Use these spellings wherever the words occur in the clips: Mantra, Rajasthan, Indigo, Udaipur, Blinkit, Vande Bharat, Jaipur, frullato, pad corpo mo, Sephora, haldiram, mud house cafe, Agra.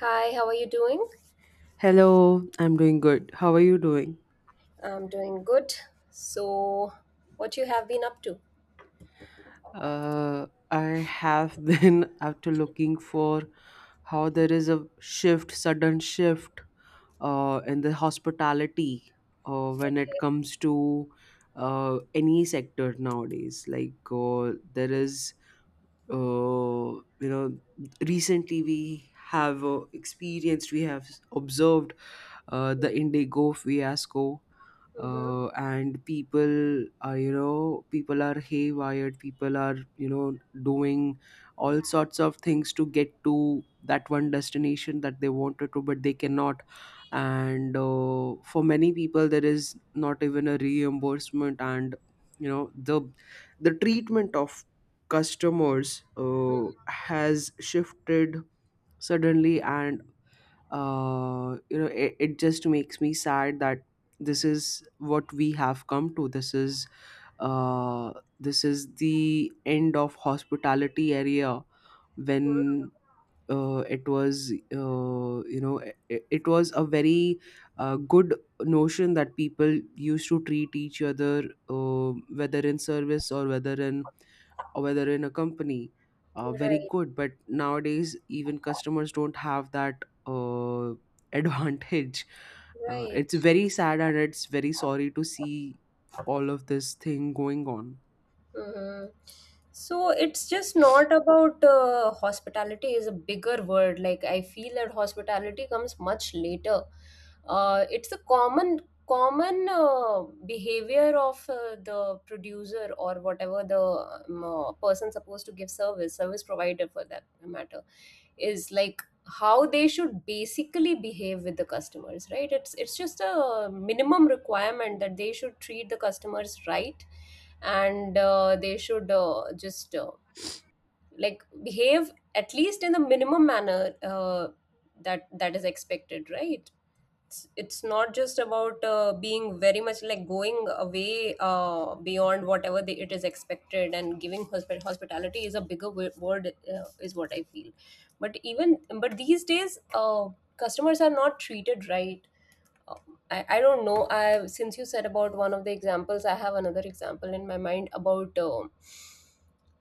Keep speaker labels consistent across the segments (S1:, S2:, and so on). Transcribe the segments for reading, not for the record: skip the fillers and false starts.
S1: Hi, how are you doing?
S2: Hello, I'm doing good. How are you doing?
S1: I'm doing good. So, what you have been up to?
S2: I have been after looking for how there is a shift, sudden shift in the hospitality when it comes to any sector nowadays. Like there is, you know, recently we have experienced, we have observed the Indigo fiasco
S1: Mm-hmm.
S2: and people are, you know, people are haywired, people are, you know, doing all sorts of things to get to that one destination that they wanted to, but they cannot. And for many people there is not even a reimbursement, and you know the treatment of customers has shifted suddenly. And you know, it just makes me sad that this is what we have come to. This is uh, this is the end of hospitality area, when it was, you know, it was a very good notion that people used to treat each other, whether in service or whether in a company, very
S1: Right,
S2: good. But nowadays even customers don't have that advantage. It's
S1: right.
S2: very sad and it's very sorry to see all of this thing going on.
S1: hmm So it's just not about hospitality is a bigger word. Like, I feel that hospitality comes much later. It's a common behavior of the producer, or whatever the person supposed to give service, service provider for that matter, is like how they should basically behave with the customers, right? It's just a minimum requirement that they should treat the customers right, and they should just like, behave at least in the minimum manner that is expected, right. It's not just about being very much, like, going away beyond whatever it is expected, and giving hospitality is a bigger word, is what I feel. But even, but these days, customers are not treated right. Uh, I don't know. I, since you said about one of the examples, I have another example in my mind about uh,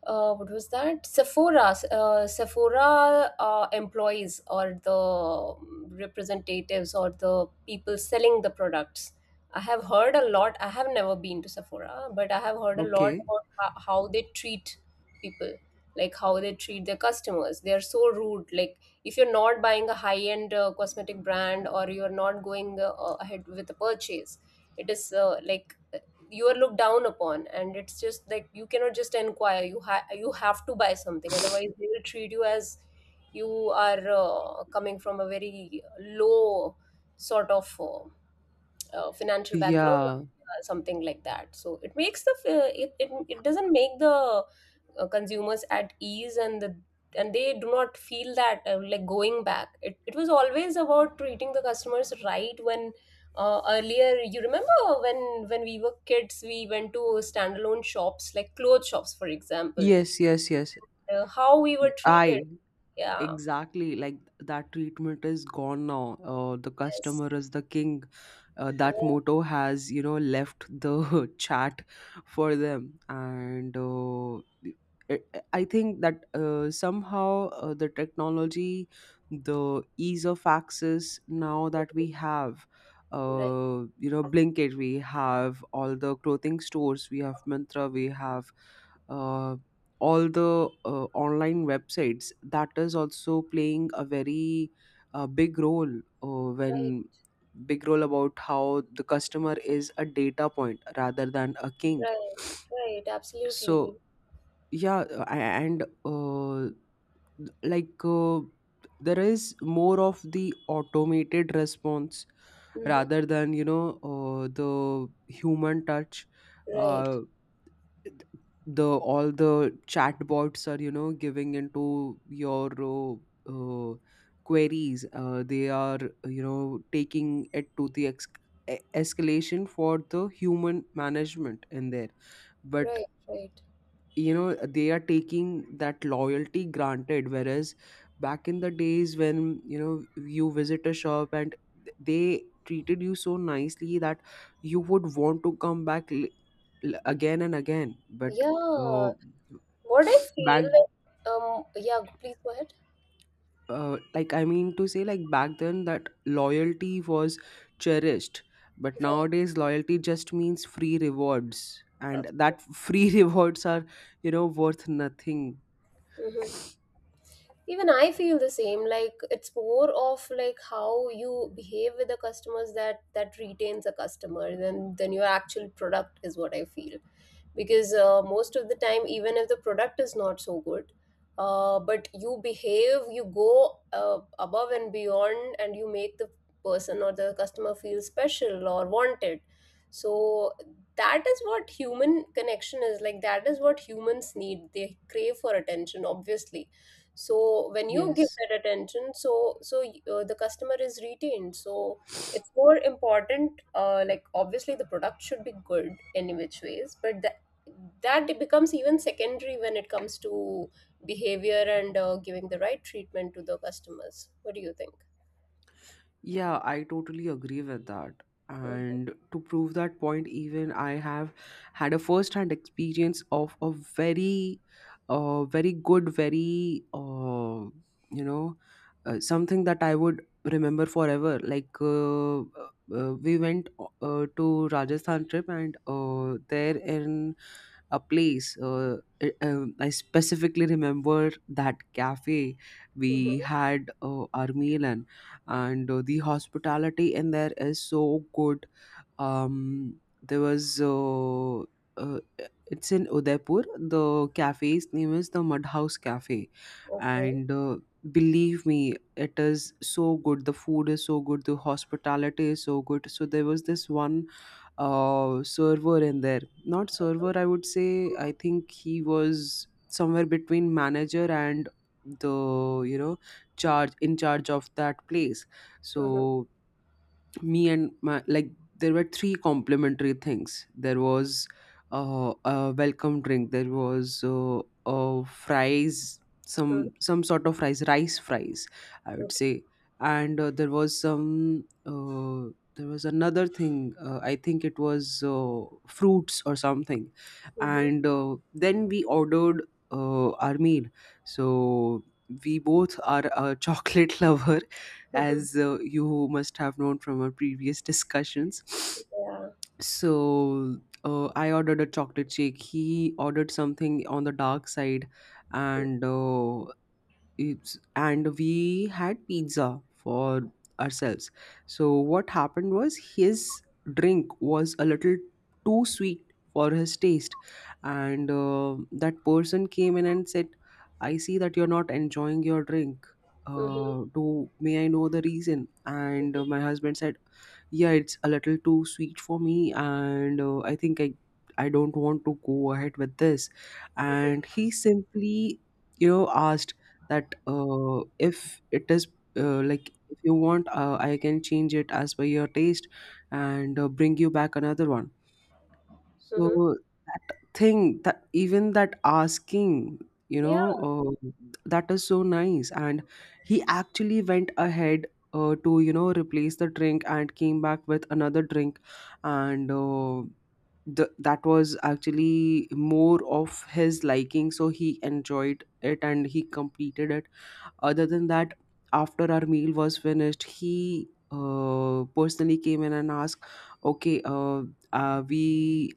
S1: uh, what was that? Sephora employees, or the representatives, or the people selling the products. I have heard a lot. I have never been to Sephora, but I have heard a lot
S2: Okay,
S1: about how they treat people, like how they treat their customers. They are so rude. Like, if you're not buying a high-end cosmetic brand, or you're not going ahead with a purchase, it is, like, you are looked down upon, and it's just like you cannot just inquire, you have to buy something, otherwise they will treat you as you are coming from a very low sort of financial background,
S2: yeah,
S1: something like that. So it makes the f- it, it it doesn't make the consumers at ease, and they do not feel that, like, going back, it was always about treating the customers right. When, earlier, you remember when we were kids, we went to standalone shops, like clothes shops, for example,
S2: yes, yes, yes,
S1: how we were treated.
S2: I
S1: Yeah,
S2: exactly, like that treatment is gone now. The
S1: yes,
S2: customer is the king. That
S1: yeah.
S2: motto has, you know, left the chat for them. And I I think that somehow the technology, the ease of access now that we have,
S1: Right,
S2: you know, Blinkit, we have all the clothing stores, we have Mantra, we have uh, all the online websites, that is also playing a very big role when
S1: right,
S2: big role about how the customer is a data point rather than a king.
S1: right, right,
S2: So
S1: absolutely.
S2: yeah, and like there is more of the automated response
S1: Mm-hmm.
S2: rather than, you know, the human touch.
S1: Right,
S2: uh, the All the chatbots are, you know, giving into your uh, queries. They are, you know, taking it to the escalation for the human management in there, but
S1: right, right.
S2: you know they are taking that loyalty granted, whereas back in the days when you know you visit a shop and they treated you so nicely that you would want to come back again and again. But
S1: Yeah,
S2: uh,
S1: what I feel
S2: back
S1: like, yeah, please go ahead.
S2: like, I mean to say, like back then that loyalty was cherished, but nowadays loyalty just means free rewards, and
S1: Right.
S2: that free rewards are, you know, worth nothing.
S1: Mm-hmm. Even I feel the same. Like, it's more of like how you behave with the customers, that retains a customer, than your actual product, is what I feel. Because, most of the time, even if the product is not so good, but you behave, you go above and beyond, and you make the person or the customer feel special or wanted. So that is what human connection is, like that is what humans need. They crave for attention, obviously. So when you give
S2: Yes,
S1: that attention, the customer is retained. So, it's more important, like, obviously the product should be good in which ways, but that it becomes even secondary when it comes to behavior, and giving the right treatment to the customers. What do you think?
S2: yeah, I totally agree with that.
S1: Hmm.
S2: And to prove that point, even I have had a first hand experience of a very, very good, very, you know, something that I would remember forever. Like, we went to Rajasthan trip, and there in a place, I specifically remember that cafe we
S1: Hmm.
S2: had our meal in. And the hospitality in there is so good. There was uh, it's in Udaipur. The cafe's name is The Mud House Cafe.
S1: Okay.
S2: And believe me, it is so good. The food is so good, the hospitality is so good. So there was this one server in there. Not server, I would say. I think he was somewhere between manager and the, you know, charge in charge of that place.
S1: Hmm.
S2: So me and my, like, there were 3 complimentary things. There was a welcome drink. There was fries,
S1: Hmm.
S2: some sort of fries, rice fries, I would
S1: Okay.
S2: say. And there was some there was another thing, I think it was fruits or something.
S1: Hmm.
S2: And then we ordered our meal. So we both are a chocolate lover,
S1: Hmm.
S2: as you must have known from our previous discussions.
S1: Yeah.
S2: So I ordered a chocolate shake. He ordered something on the dark side,
S1: Hmm.
S2: and it's, and we had pizza for ourselves. So what happened was his drink was a little too sweet for his taste, and that person came in and said, "I see that you're not enjoying your drink.
S1: Hmm.
S2: Do may I know the reason?" And my husband said, "Yeah, it's a little too sweet for me, and I think I. I don't want to go ahead with this." And he simply, you know, asked that if it is like, if you want, I can change it as per your taste and bring you back another one.
S1: Hmm.
S2: So that thing, that even that asking, you
S1: Yeah.
S2: know, uh, that is so nice. And he actually went ahead to, you know, replace the drink and came back with another drink. And the, that was actually more of his liking, so he enjoyed it and he completed it. Other than that, after our meal was finished, he personally came in and asked, "Okay, we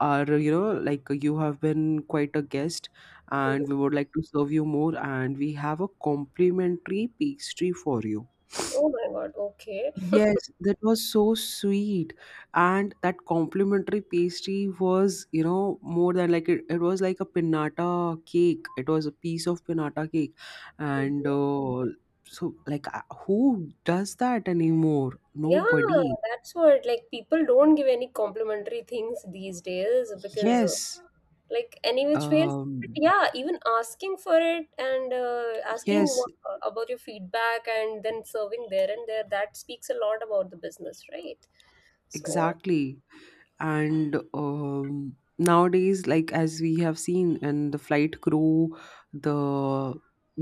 S2: are, you know, like, you have been quite a guest, and
S1: Hmm.
S2: we would like to serve you more, and we have a complimentary pastry for you."
S1: Oh my God. Okay.
S2: Yes, that was so sweet. And that complimentary pastry was, you know, more than like it was like a pinnata cake. It was a piece of pinnata cake. And so, like, who does that anymore?
S1: Yeah,
S2: Nobody.
S1: that's what. Like, people don't give any complimentary things these days, because,
S2: Yes.
S1: like, any which ways. But
S2: Um,
S1: yeah, even asking for it, and asking
S2: yes,
S1: about your feedback, and then serving there and there, that speaks a lot about the business, right? So,
S2: exactly. And nowadays, like as we have seen, and the flight crew, the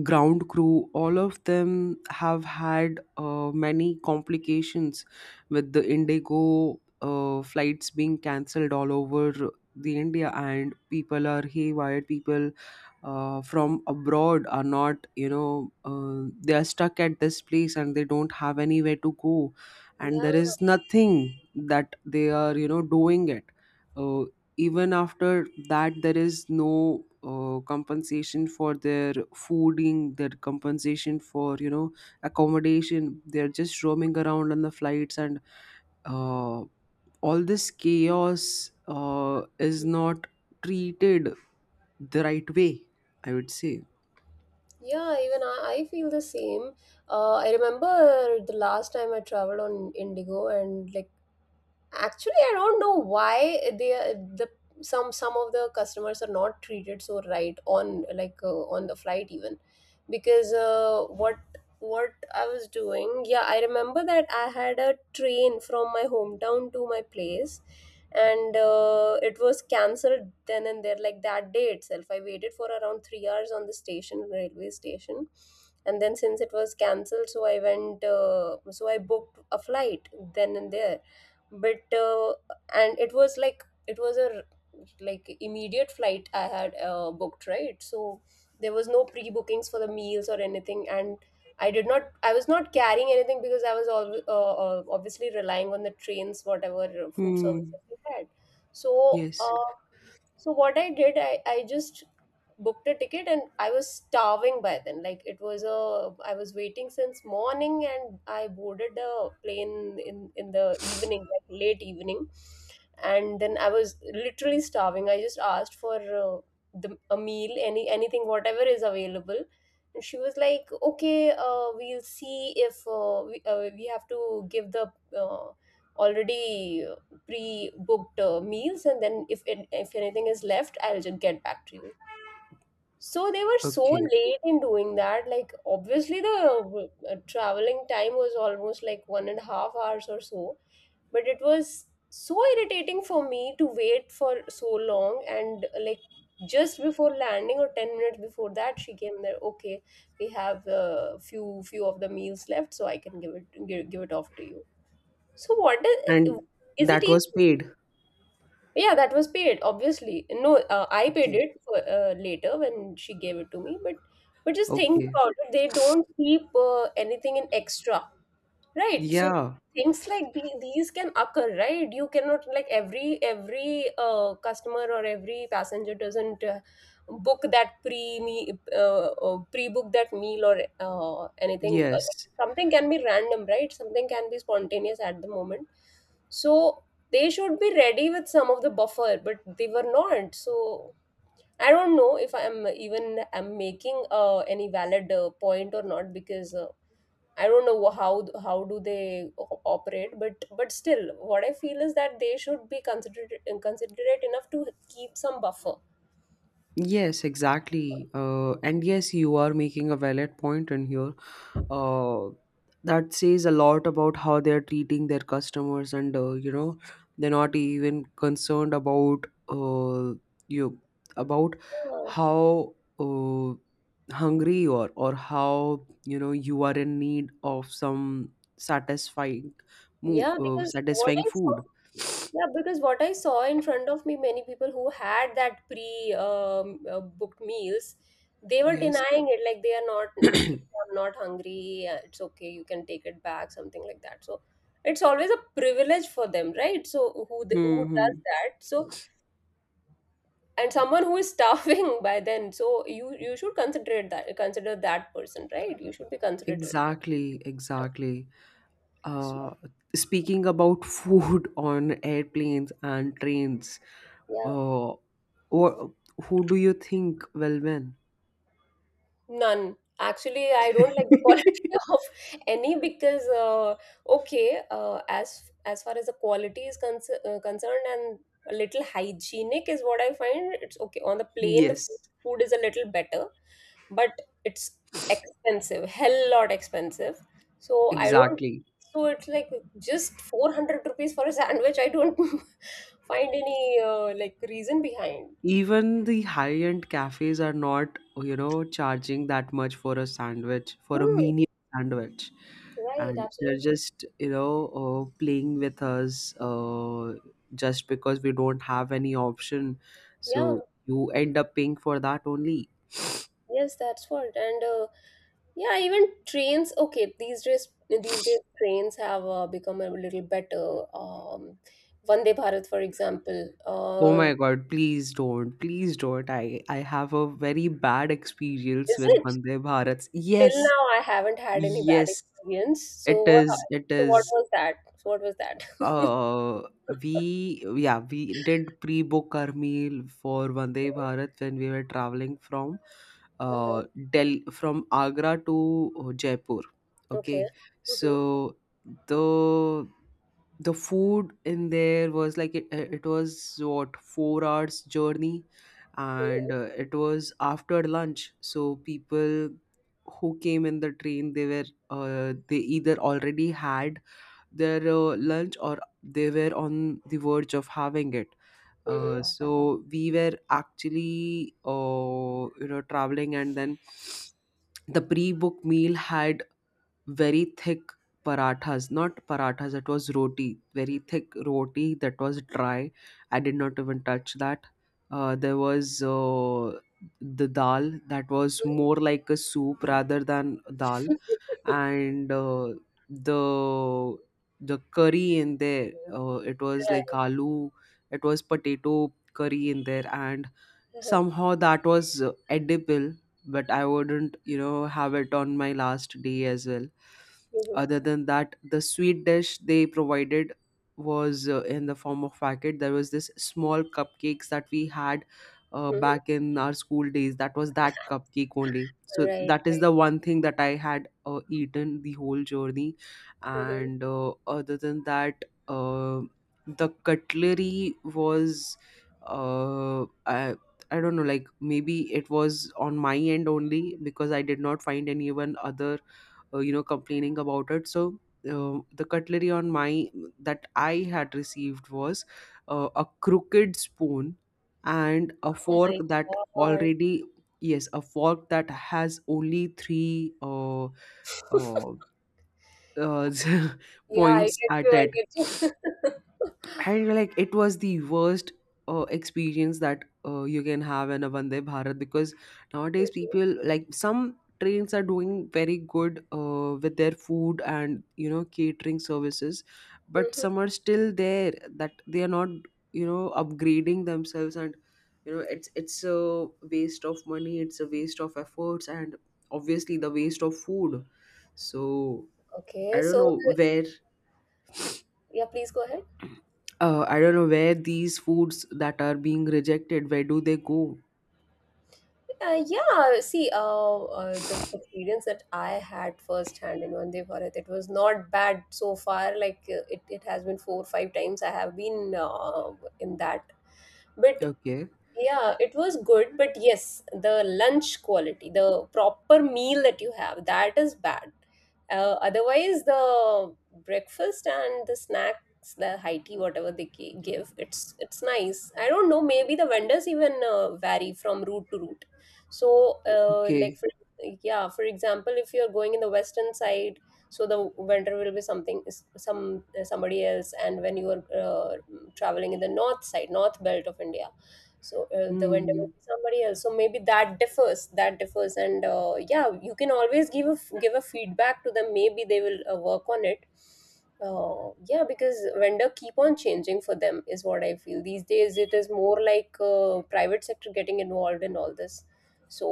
S2: ground crew, all of them have had many complications with the Indigo flights being cancelled all over the India, and people are haywire, people from abroad are not, you know, they are stuck at this place and they don't have anywhere to go, and there
S1: yeah,
S2: is nothing that they are, you know, doing it. uh, Even after that, there is no compensation for their fooding, their compensation for, you know, accommodation. They're just roaming around on the flights, and uh, all this chaos is not treated the right way, I would say.
S1: yeah, even I feel the same. I remember the last time I traveled on Indigo, and like, actually, I don't know why they are- the some of the customers are not treated so right, on, like, on the flight even, because, what I was doing, yeah, I remember that. I had a train from my hometown to my place, and it was cancelled then and there. Like, that day itself I waited for around 3 hours on the station, railway station. And then, since it was cancelled, so I went so I booked a flight then and there. But, and it was like, it was a like, immediate flight I had booked, right? So there was no pre bookings for the meals or anything, and I was not carrying anything, because I was all, obviously relying on the trains, whatever food
S2: Hmm.
S1: services they had. So
S2: Yes.
S1: what I did, I just booked a ticket, and I was starving by then. Like, it was a I was waiting since morning, and I boarded the plane in the evening, like late evening. And then I was literally starving. I just asked for the a meal, anything whatever is available. And she was like, "Okay, we'll see. If we have to give the already pre-booked meals, and then if anything is left, I'll just get back to you." So they were so
S2: Okay,
S1: late in doing that. Like, obviously, the traveling time was almost, like, 1.5 hours or so, but it was so irritating for me to wait for so long. And, like, just before landing, or 10 minutes before that, she came there, "Okay, we have a few of the meals left, so I can give it, give it off to you." So what
S2: and
S1: is it
S2: that
S1: even...
S2: was paid.
S1: Yeah, that was paid, obviously. No, I paid
S2: Okay.
S1: it for, later, when she gave it to me. But just think
S2: Okay.
S1: about it. They don't keep anything in extra. Right. So
S2: Yeah,
S1: things like these can occur, right? You cannot, like, every customer or every passenger doesn't book that pre book that meal or anything. Like,
S2: yes,
S1: something can be random, right? Something can be spontaneous at the moment. So they should be ready with some of the buffer, but they were not. So I don't know if I am even am making any valid point or not, because. I don't know how do they operate, but still, what I feel is that they should be considerate enough to keep some buffer.
S2: yes, exactly. And yes, you are making a valid point in here. Uh, that says a lot about how they're treating their customers, and you know, they're not even concerned about, you about
S1: Yeah.
S2: how uh, hungry you are, or how, you know, you are in need of some satisfying,
S1: Yeah,
S2: satisfying food.
S1: because what I saw in front of me, many people who had that pre booked meals, they were
S2: Yes.
S1: denying it, like, they are not okay. "I'm not hungry. It's okay. You can take it back," something like that. So it's always a privilege for them, right? So who
S2: Hmm.
S1: does that? So, and someone who is starving by then, so you should consider that, consider that person, right? You should be considerate.
S2: Exactly, exactly.
S1: So,
S2: Uh, Speaking about food on airplanes and trains,
S1: yeah.
S2: uh, or who do you think will win?
S1: None. Actually, I don't like the quality of any, because okay, as far as the quality is concerned, and a little hygienic is what I find. It's okay on the plane, the food,
S2: Yes,
S1: food is a little better, but it's expensive, hell lot expensive. So I don't.
S2: exactly.
S1: So it's like just 400 rupees for a sandwich. I don't find any like, reason behind.
S2: Even the high-end cafes are not, you know, charging that much for a sandwich, for a
S1: Hmm,
S2: mini sandwich.
S1: right,
S2: And they're
S1: absolutely.
S2: just, you know, playing with us just because we don't have any option.
S1: Yeah,
S2: So you end up paying for that only.
S1: yes, that's what. And, yeah, even trains. Okay, these days trains have become a little better. Vande Bharat, for example,
S2: Oh my God, please don't. Please don't. I have a very bad experience
S1: is
S2: with
S1: it?
S2: Vande Bharats.
S1: Till
S2: Yes,
S1: now, I haven't had any bad
S2: yes,
S1: experience.
S2: it is. It
S1: So what
S2: is.
S1: was that? So what was that?
S2: Uh, we yeah, we did pre-book our meal for Vande Bharat when we were traveling from uh Del from Agra to Jaipur.
S1: Okay.
S2: Okay,
S1: Uh-huh.
S2: so the the food in there was like, it was what, 4 hours journey, and
S1: Okay.
S2: uh, it was after lunch. So people who came in the train they were, they either already had their lunch or they were on the verge of having it.
S1: Mm-hmm. Mm-hmm. Mm-hmm.
S2: So we were actually, you know, traveling, and then the pre-book meal had very thick parathas, not parathas, it was roti, very thick roti that was dry. I did not even touch that. There was the dal that was
S1: Mm-hmm.
S2: more like a soup rather than dal, and the the curry in there, it was like
S1: Right.
S2: aloo, it was potato curry in there, and
S1: Uh-huh.
S2: somehow that was edible, but I wouldn't, you know, have it on my last day as well.
S1: Mm-hmm.
S2: Other than that, the sweet dish they provided was in the form of packet. There was this small cupcakes that we had
S1: Mm-hmm.
S2: back in our school days, that was that cupcake only, so
S1: Right.
S2: that is
S1: Right.
S2: the one thing that I had eaten the whole journey.
S1: Mm-hmm.
S2: And other than that, the cutlery was, uh, I, I don't know, like maybe it was on my end only, because I did not find anyone other you know complaining about it. So the cutlery on my that I had received was a crooked spoon and a
S1: Oh
S2: fork
S1: my
S2: that
S1: God.
S2: already yes, a fork that has only three uh, uh,
S1: Yeah, I
S2: points
S1: get you.
S2: at
S1: I
S2: it.
S1: get you.
S2: And like it was the worst experience that you can have in a Vande Bharat, because nowadays
S1: Mhm,
S2: people, like, some trains are doing very good with their food and, you know, catering services, but
S1: mhm.
S2: some are still there that they are not, you know, upgrading themselves, and you know it's a waste of money, it's a waste of efforts and obviously the waste of food. So
S1: Okay.
S2: I don't know where
S1: Yeah, please go ahead.
S2: I don't know where these foods that are being rejected, where do they go?
S1: Yeah, see, the experience that I had firsthand in Vande Bharat, it was not bad so far. Like, it has been four or five times I have been, in that. But
S2: Okay.
S1: yeah, it was good, but yes, the lunch quality, the proper meal that you have, that is bad. Otherwise, the breakfast and the snacks, the high tea, whatever they give, it's nice. I don't know, maybe the vendors even vary from route to route. So, like
S2: Okay.
S1: for yeah, for example, if you're going in the western side, so the vendor will be something is- some somebody else, and when you are traveling in the north side, north belt of India, so the vendor would
S2: Hmm.
S1: be somebody else, so maybe that differs. And Yeah, you can always give a feedback to them. Maybe they will work on it. Yeah, because vendor keep on changing for them is what I feel. These days it is more like private sector getting involved in all this. So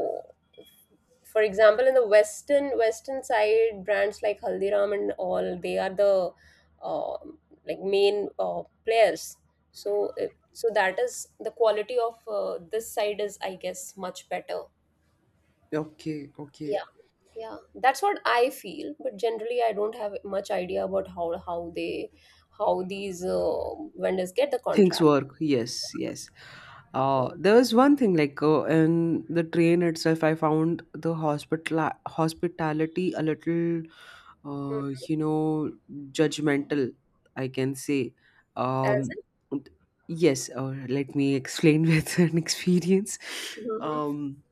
S1: for example, in the western side, brands like Haldiram and all, they are the uh, like main players. So so that is the quality of this side is, I guess, much better.
S2: Okay. Okay.
S1: Yeah, yeah, that's what I feel. But generally I don't have much idea about how they, how these vendors get the
S2: Things
S1: contract.
S2: work. Yes. Yes.
S1: so,
S2: There was one thing like in the train itself, I found the hospitality a little,
S1: hmm,
S2: you know, judgmental. I can say.
S1: as
S2: Um,
S1: in?
S2: yes. Let me explain with an experience.
S1: Mhm,
S2: Um,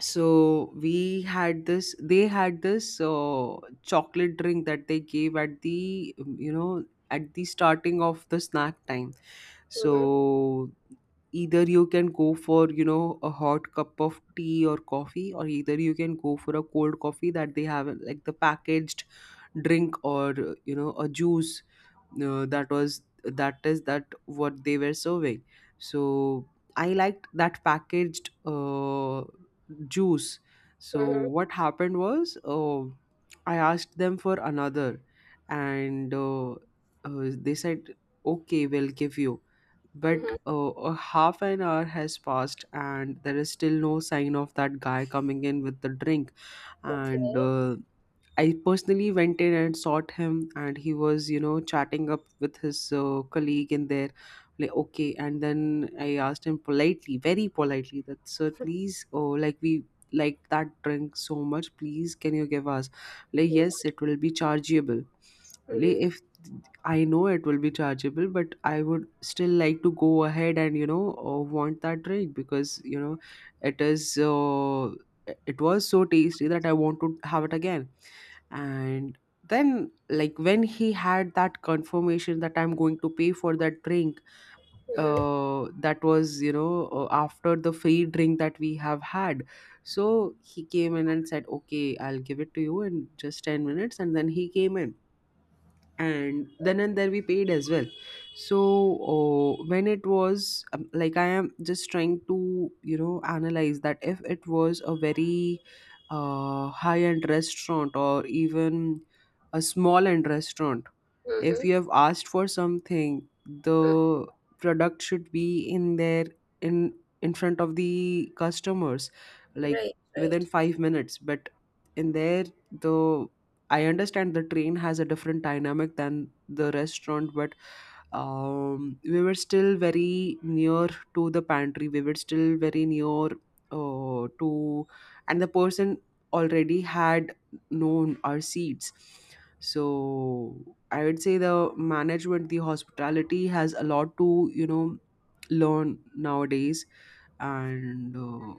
S2: so we had this they had this chocolate drink that they gave at the you know at the starting of the snack time,
S1: mhm,
S2: so either you can go for you know a hot cup of tea or coffee or either you can go for a cold coffee that they have like the packaged drink, or you know, a juice. That was that is That what they were serving. So I liked that packaged juice. So
S1: mhm,
S2: what happened was, I asked them for another. And they said, okay, we'll give you. But
S1: mhm.
S2: a half an hour has passed, and there is still no sign of that guy coming in with the drink. And
S1: Okay.
S2: I personally went in and sought him, and he was, you know, chatting up with his colleague in there. Like, okay. And then I asked him politely, very politely, that, sir, please, oh, like, we like that drink so much. Please, can you give us? Like, yes, it will be chargeable. Like,
S1: Mhm,
S2: if I know it will be chargeable, but I would still like to go ahead and, you know, want that drink because, you know, it is, uh, it was so tasty that I want to have it again. And then like, when he had that confirmation that I'm going to pay for that drink,
S1: mhm,
S2: that was, you know, after the free drink that we have had. So he came in and said, okay, I'll give it to you in just 10 minutes. And then he came in, and then and there we paid as well. So when it was, like, I am just trying to, you know, analyze that if it was a very high end restaurant, or even a small end restaurant, if
S1: mhm,
S2: you have asked for something,
S1: mhm.
S2: the product should be in there, in in front of the customers, like
S1: Right,
S2: within
S1: right,
S2: 5 minutes. But in there, the I understand the train has a different dynamic than the restaurant, but we were still very near to the pantry. We were still very near uh, to, and the person already had known our seats. So I would say the management, the hospitality has a lot to learn nowadays. And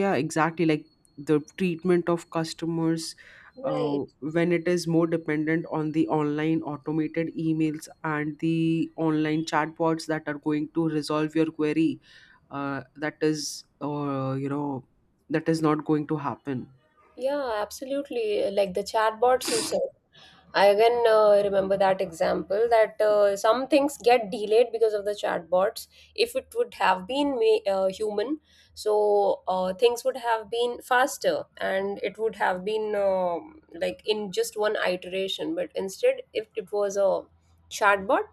S2: yeah, exactly, like the treatment of customers
S1: right.
S2: when it is more dependent on the online automated emails and the online chatbots that are going to resolve your query. That is, you know, that is not going to happen.
S1: Yeah, absolutely, like the chatbots, you said. I again remember that example, that some things get delayed because of the chatbots. If it would have been human, so things would have been faster and it would have been like in just one iteration. But instead, if it was a chatbot,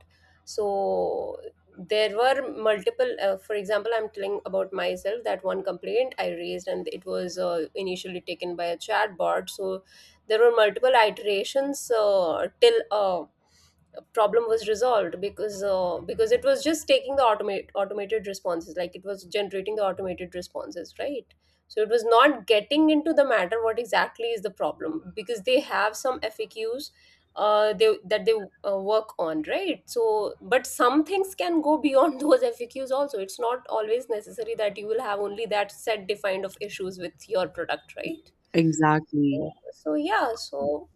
S1: so there were multiple. For example, I'm telling about myself, that one complaint I raised and it was initially taken by a chatbot. So there were multiple iterations till a problem was resolved because, because it was just taking the automated responses, like it was generating the automated responses, right? So it was not getting into the matter what exactly is the problem, because they have some FAQs they that they work on, right? So but some things can go beyond those FAQs also. It's not always necessary that you will have only that set defined of issues with your product, right?
S2: Exactly.
S1: So yeah, so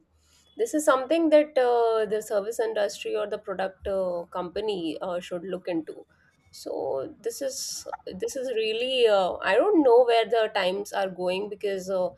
S1: this is something that the service industry or the product company should look into. So this is really I don't know where the times are going, because uh,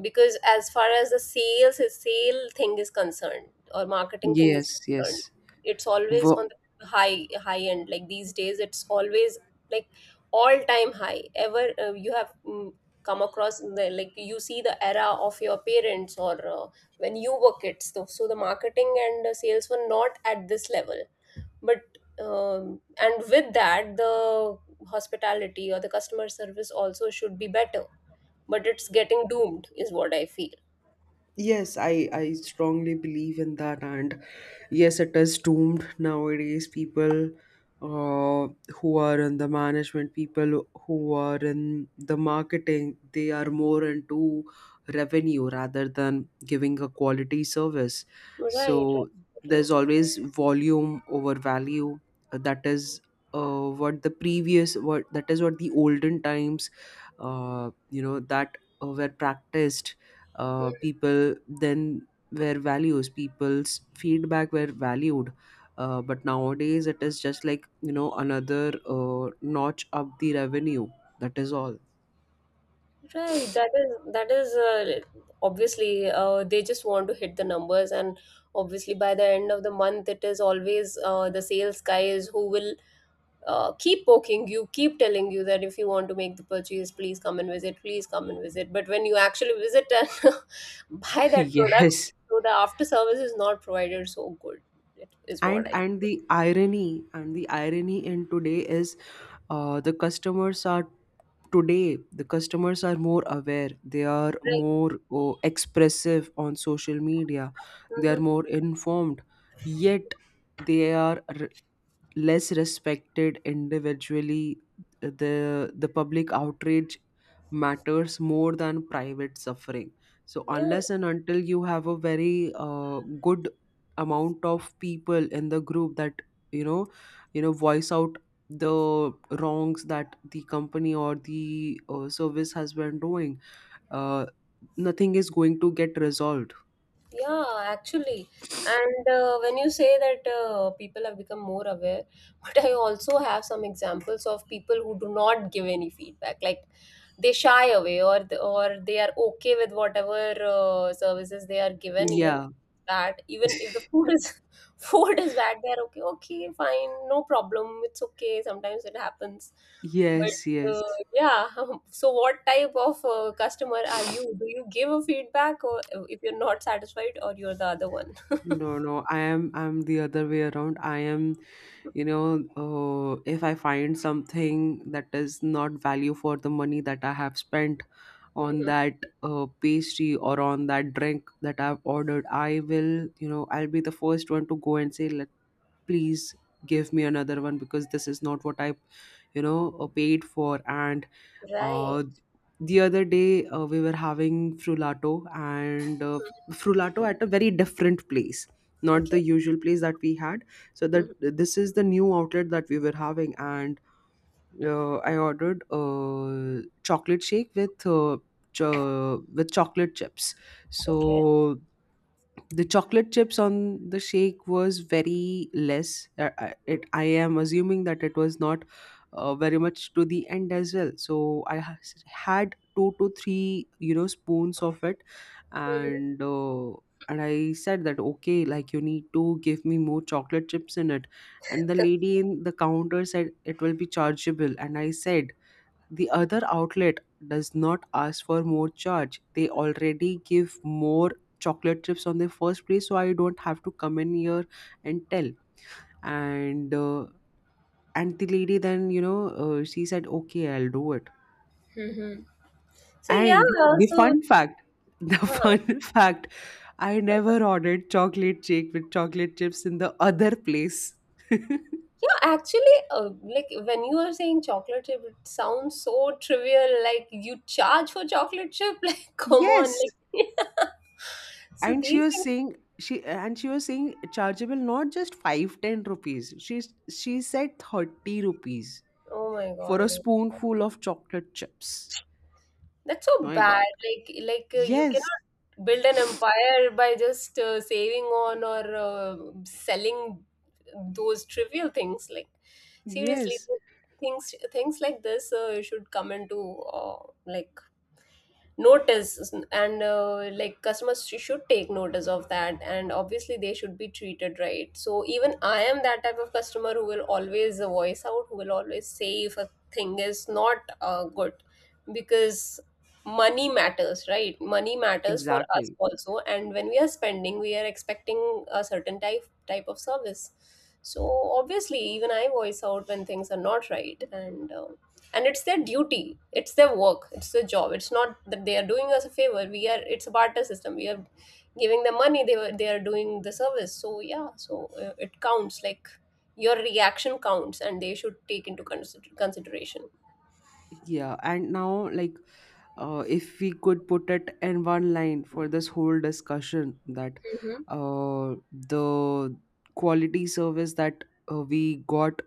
S1: because as far as the sale thing is concerned, or marketing thing is
S2: Yes,
S1: concerned,
S2: yes.
S1: it's always
S2: Wo-
S1: on the high end. Like these days it's always like all time high ever. You have come across, in the, like you see the era of your parents, or when you were kids, so, so the marketing and sales were not at this level. But and with that, the hospitality or the customer service also should be better, but it's getting doomed, is what I feel.
S2: Yes, I strongly believe in that, and yes, it is doomed nowadays. People uh, who are in the management, people who are in the marketing, they are more into revenue rather than giving a quality service.
S1: Right,
S2: So
S1: absolutely.
S2: there's always volume over value. That is what the previous, what that is, what the olden times, you know, that were practiced.
S1: Hmm.
S2: People then were values, people's feedback were valued. But nowadays it is just like, you know, another notch up the revenue, that is all.
S1: Right, that is, obviously they just want to hit the numbers, and obviously by the end of the month, it is always the sales guys who will keep poking you, keep telling you that if you want to make the purchase, please come and visit, please come and visit. But when you actually visit and buy that product,
S2: Yes.
S1: so the after service is not provided so good. It is what
S2: and
S1: I.
S2: and the irony and the irony in today is, the customers are, today the customers are more aware, they are
S1: Right.
S2: more, oh, expressive on social media, they are
S1: Mm-hmm.
S2: more informed, yet they are r- less respected individually. The public outrage matters more than private suffering. So,
S1: Yeah,
S2: unless and until you have a very good amount of people in the group that you know voice out the wrongs that the company or the service has been doing, uh, nothing is going to get resolved.
S1: yeah, actually. And when you say that people have become more aware, but I also have some examples of people who do not give any feedback. Like they shy away, or or they are okay with whatever services they are given, even
S2: Yeah,
S1: that even if the food is food is bad, they are okay. Okay, fine, no problem. It's okay. Sometimes it happens, but
S2: yes, yes.
S1: uh, yeah. So, what type of customer are you? Do you give a feedback, or if you're not satisfied, or you're the other one?
S2: No, no, I am, I'm the other way around. I am, you know, if I find something that is not value for the money that I have spent on
S1: Hmm.
S2: that pastry, or on that drink that I've ordered, I will, you know, I'll be the first one to go and say, let please give me another one because this is not what I, you know, paid for. And
S1: Right.
S2: uh, the other day we were having frullato, and
S1: Mhm.
S2: frullato at a very different place, not
S1: Okay.
S2: the usual place that we had. So that
S1: Mhm.
S2: this is the new outlet that we were having. And I ordered a chocolate shake with with chocolate chips. So
S1: Okay.
S2: the chocolate chips on the shake was very less, I- it I am assuming that it was not very much to the end as well. So had two to three, you know, spoons of it.
S1: Mm-hmm.
S2: And I said that, okay, like, you need to give me more chocolate chips in it. And the lady in the counter said it will be chargeable, and I said, the other outlet does not ask for more charge. They already give more chocolate chips on the first place, so I don't have to come in here and tell. And the lady then, you know, she said, okay, I'll do it.
S1: Mm-hmm. So yeah,
S2: And
S1: uh,
S2: the
S1: so
S2: fun fact, the
S1: uh,
S2: fun fact, I never ordered chocolate shake with chocolate chips in the other place.
S1: yeah, actually, like when you are saying chocolate chip, it sounds so trivial. Like you charge for chocolate chip, like come on,
S2: Yes.
S1: like so
S2: And
S1: these things.
S2: she was saying chargeable, not just 5, 10 rupees, she said 30 rupees
S1: Oh my
S2: for a
S1: god,
S2: spoonful of chocolate chips.
S1: that's so
S2: My
S1: bad.
S2: god.
S1: Like you can
S2: Yes,
S1: build an empire by just saving on, or selling those trivial things, like seriously.
S2: yes,
S1: Things, things like this should come into like notice. And like customers should take notice of that, and obviously they should be treated right. So even I am that type of customer who will always voice out, who will always say if a thing is not good, because money matters, right? Money matters for us
S2: exactly.
S1: also, and when we are spending, we are expecting a certain type of service. So obviously even I voice out when things are not right. And um, and it's their duty, it's their work, it's their job. It's not that they are doing us a favor. We are, it's a barter system. We are giving them money, they are doing the service. So yeah, so it counts. Like your reaction counts, and they should take into consideration.
S2: Yeah. And now, like, if we could put it in one line for this whole discussion, that
S1: Hmm.
S2: the quality service that we got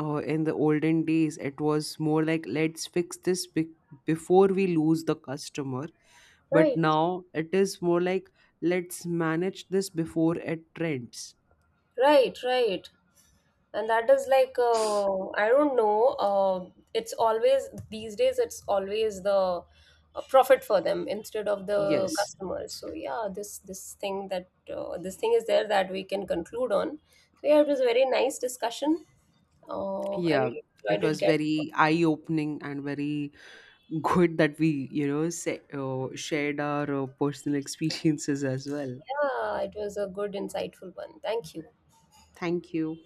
S2: in the olden days, it was more like, let's before we lose the customer, but
S1: Right,
S2: now it is more like, let's manage this before it trends.
S1: right, right. And that is like I don't know, it's always, these days it's always the profit for them, instead of the
S2: Yes.
S1: customers. So yeah, this thing, that this thing is there, that we can conclude on. So yeah, it was a very nice discussion. I
S2: Yeah,
S1: really
S2: it
S1: enjoyed it.
S2: was
S1: Get
S2: very eye opening and very good that we, you know, say, shared our personal experiences as well.
S1: yeah, it was a good insightful one. Thank you.
S2: Thank you.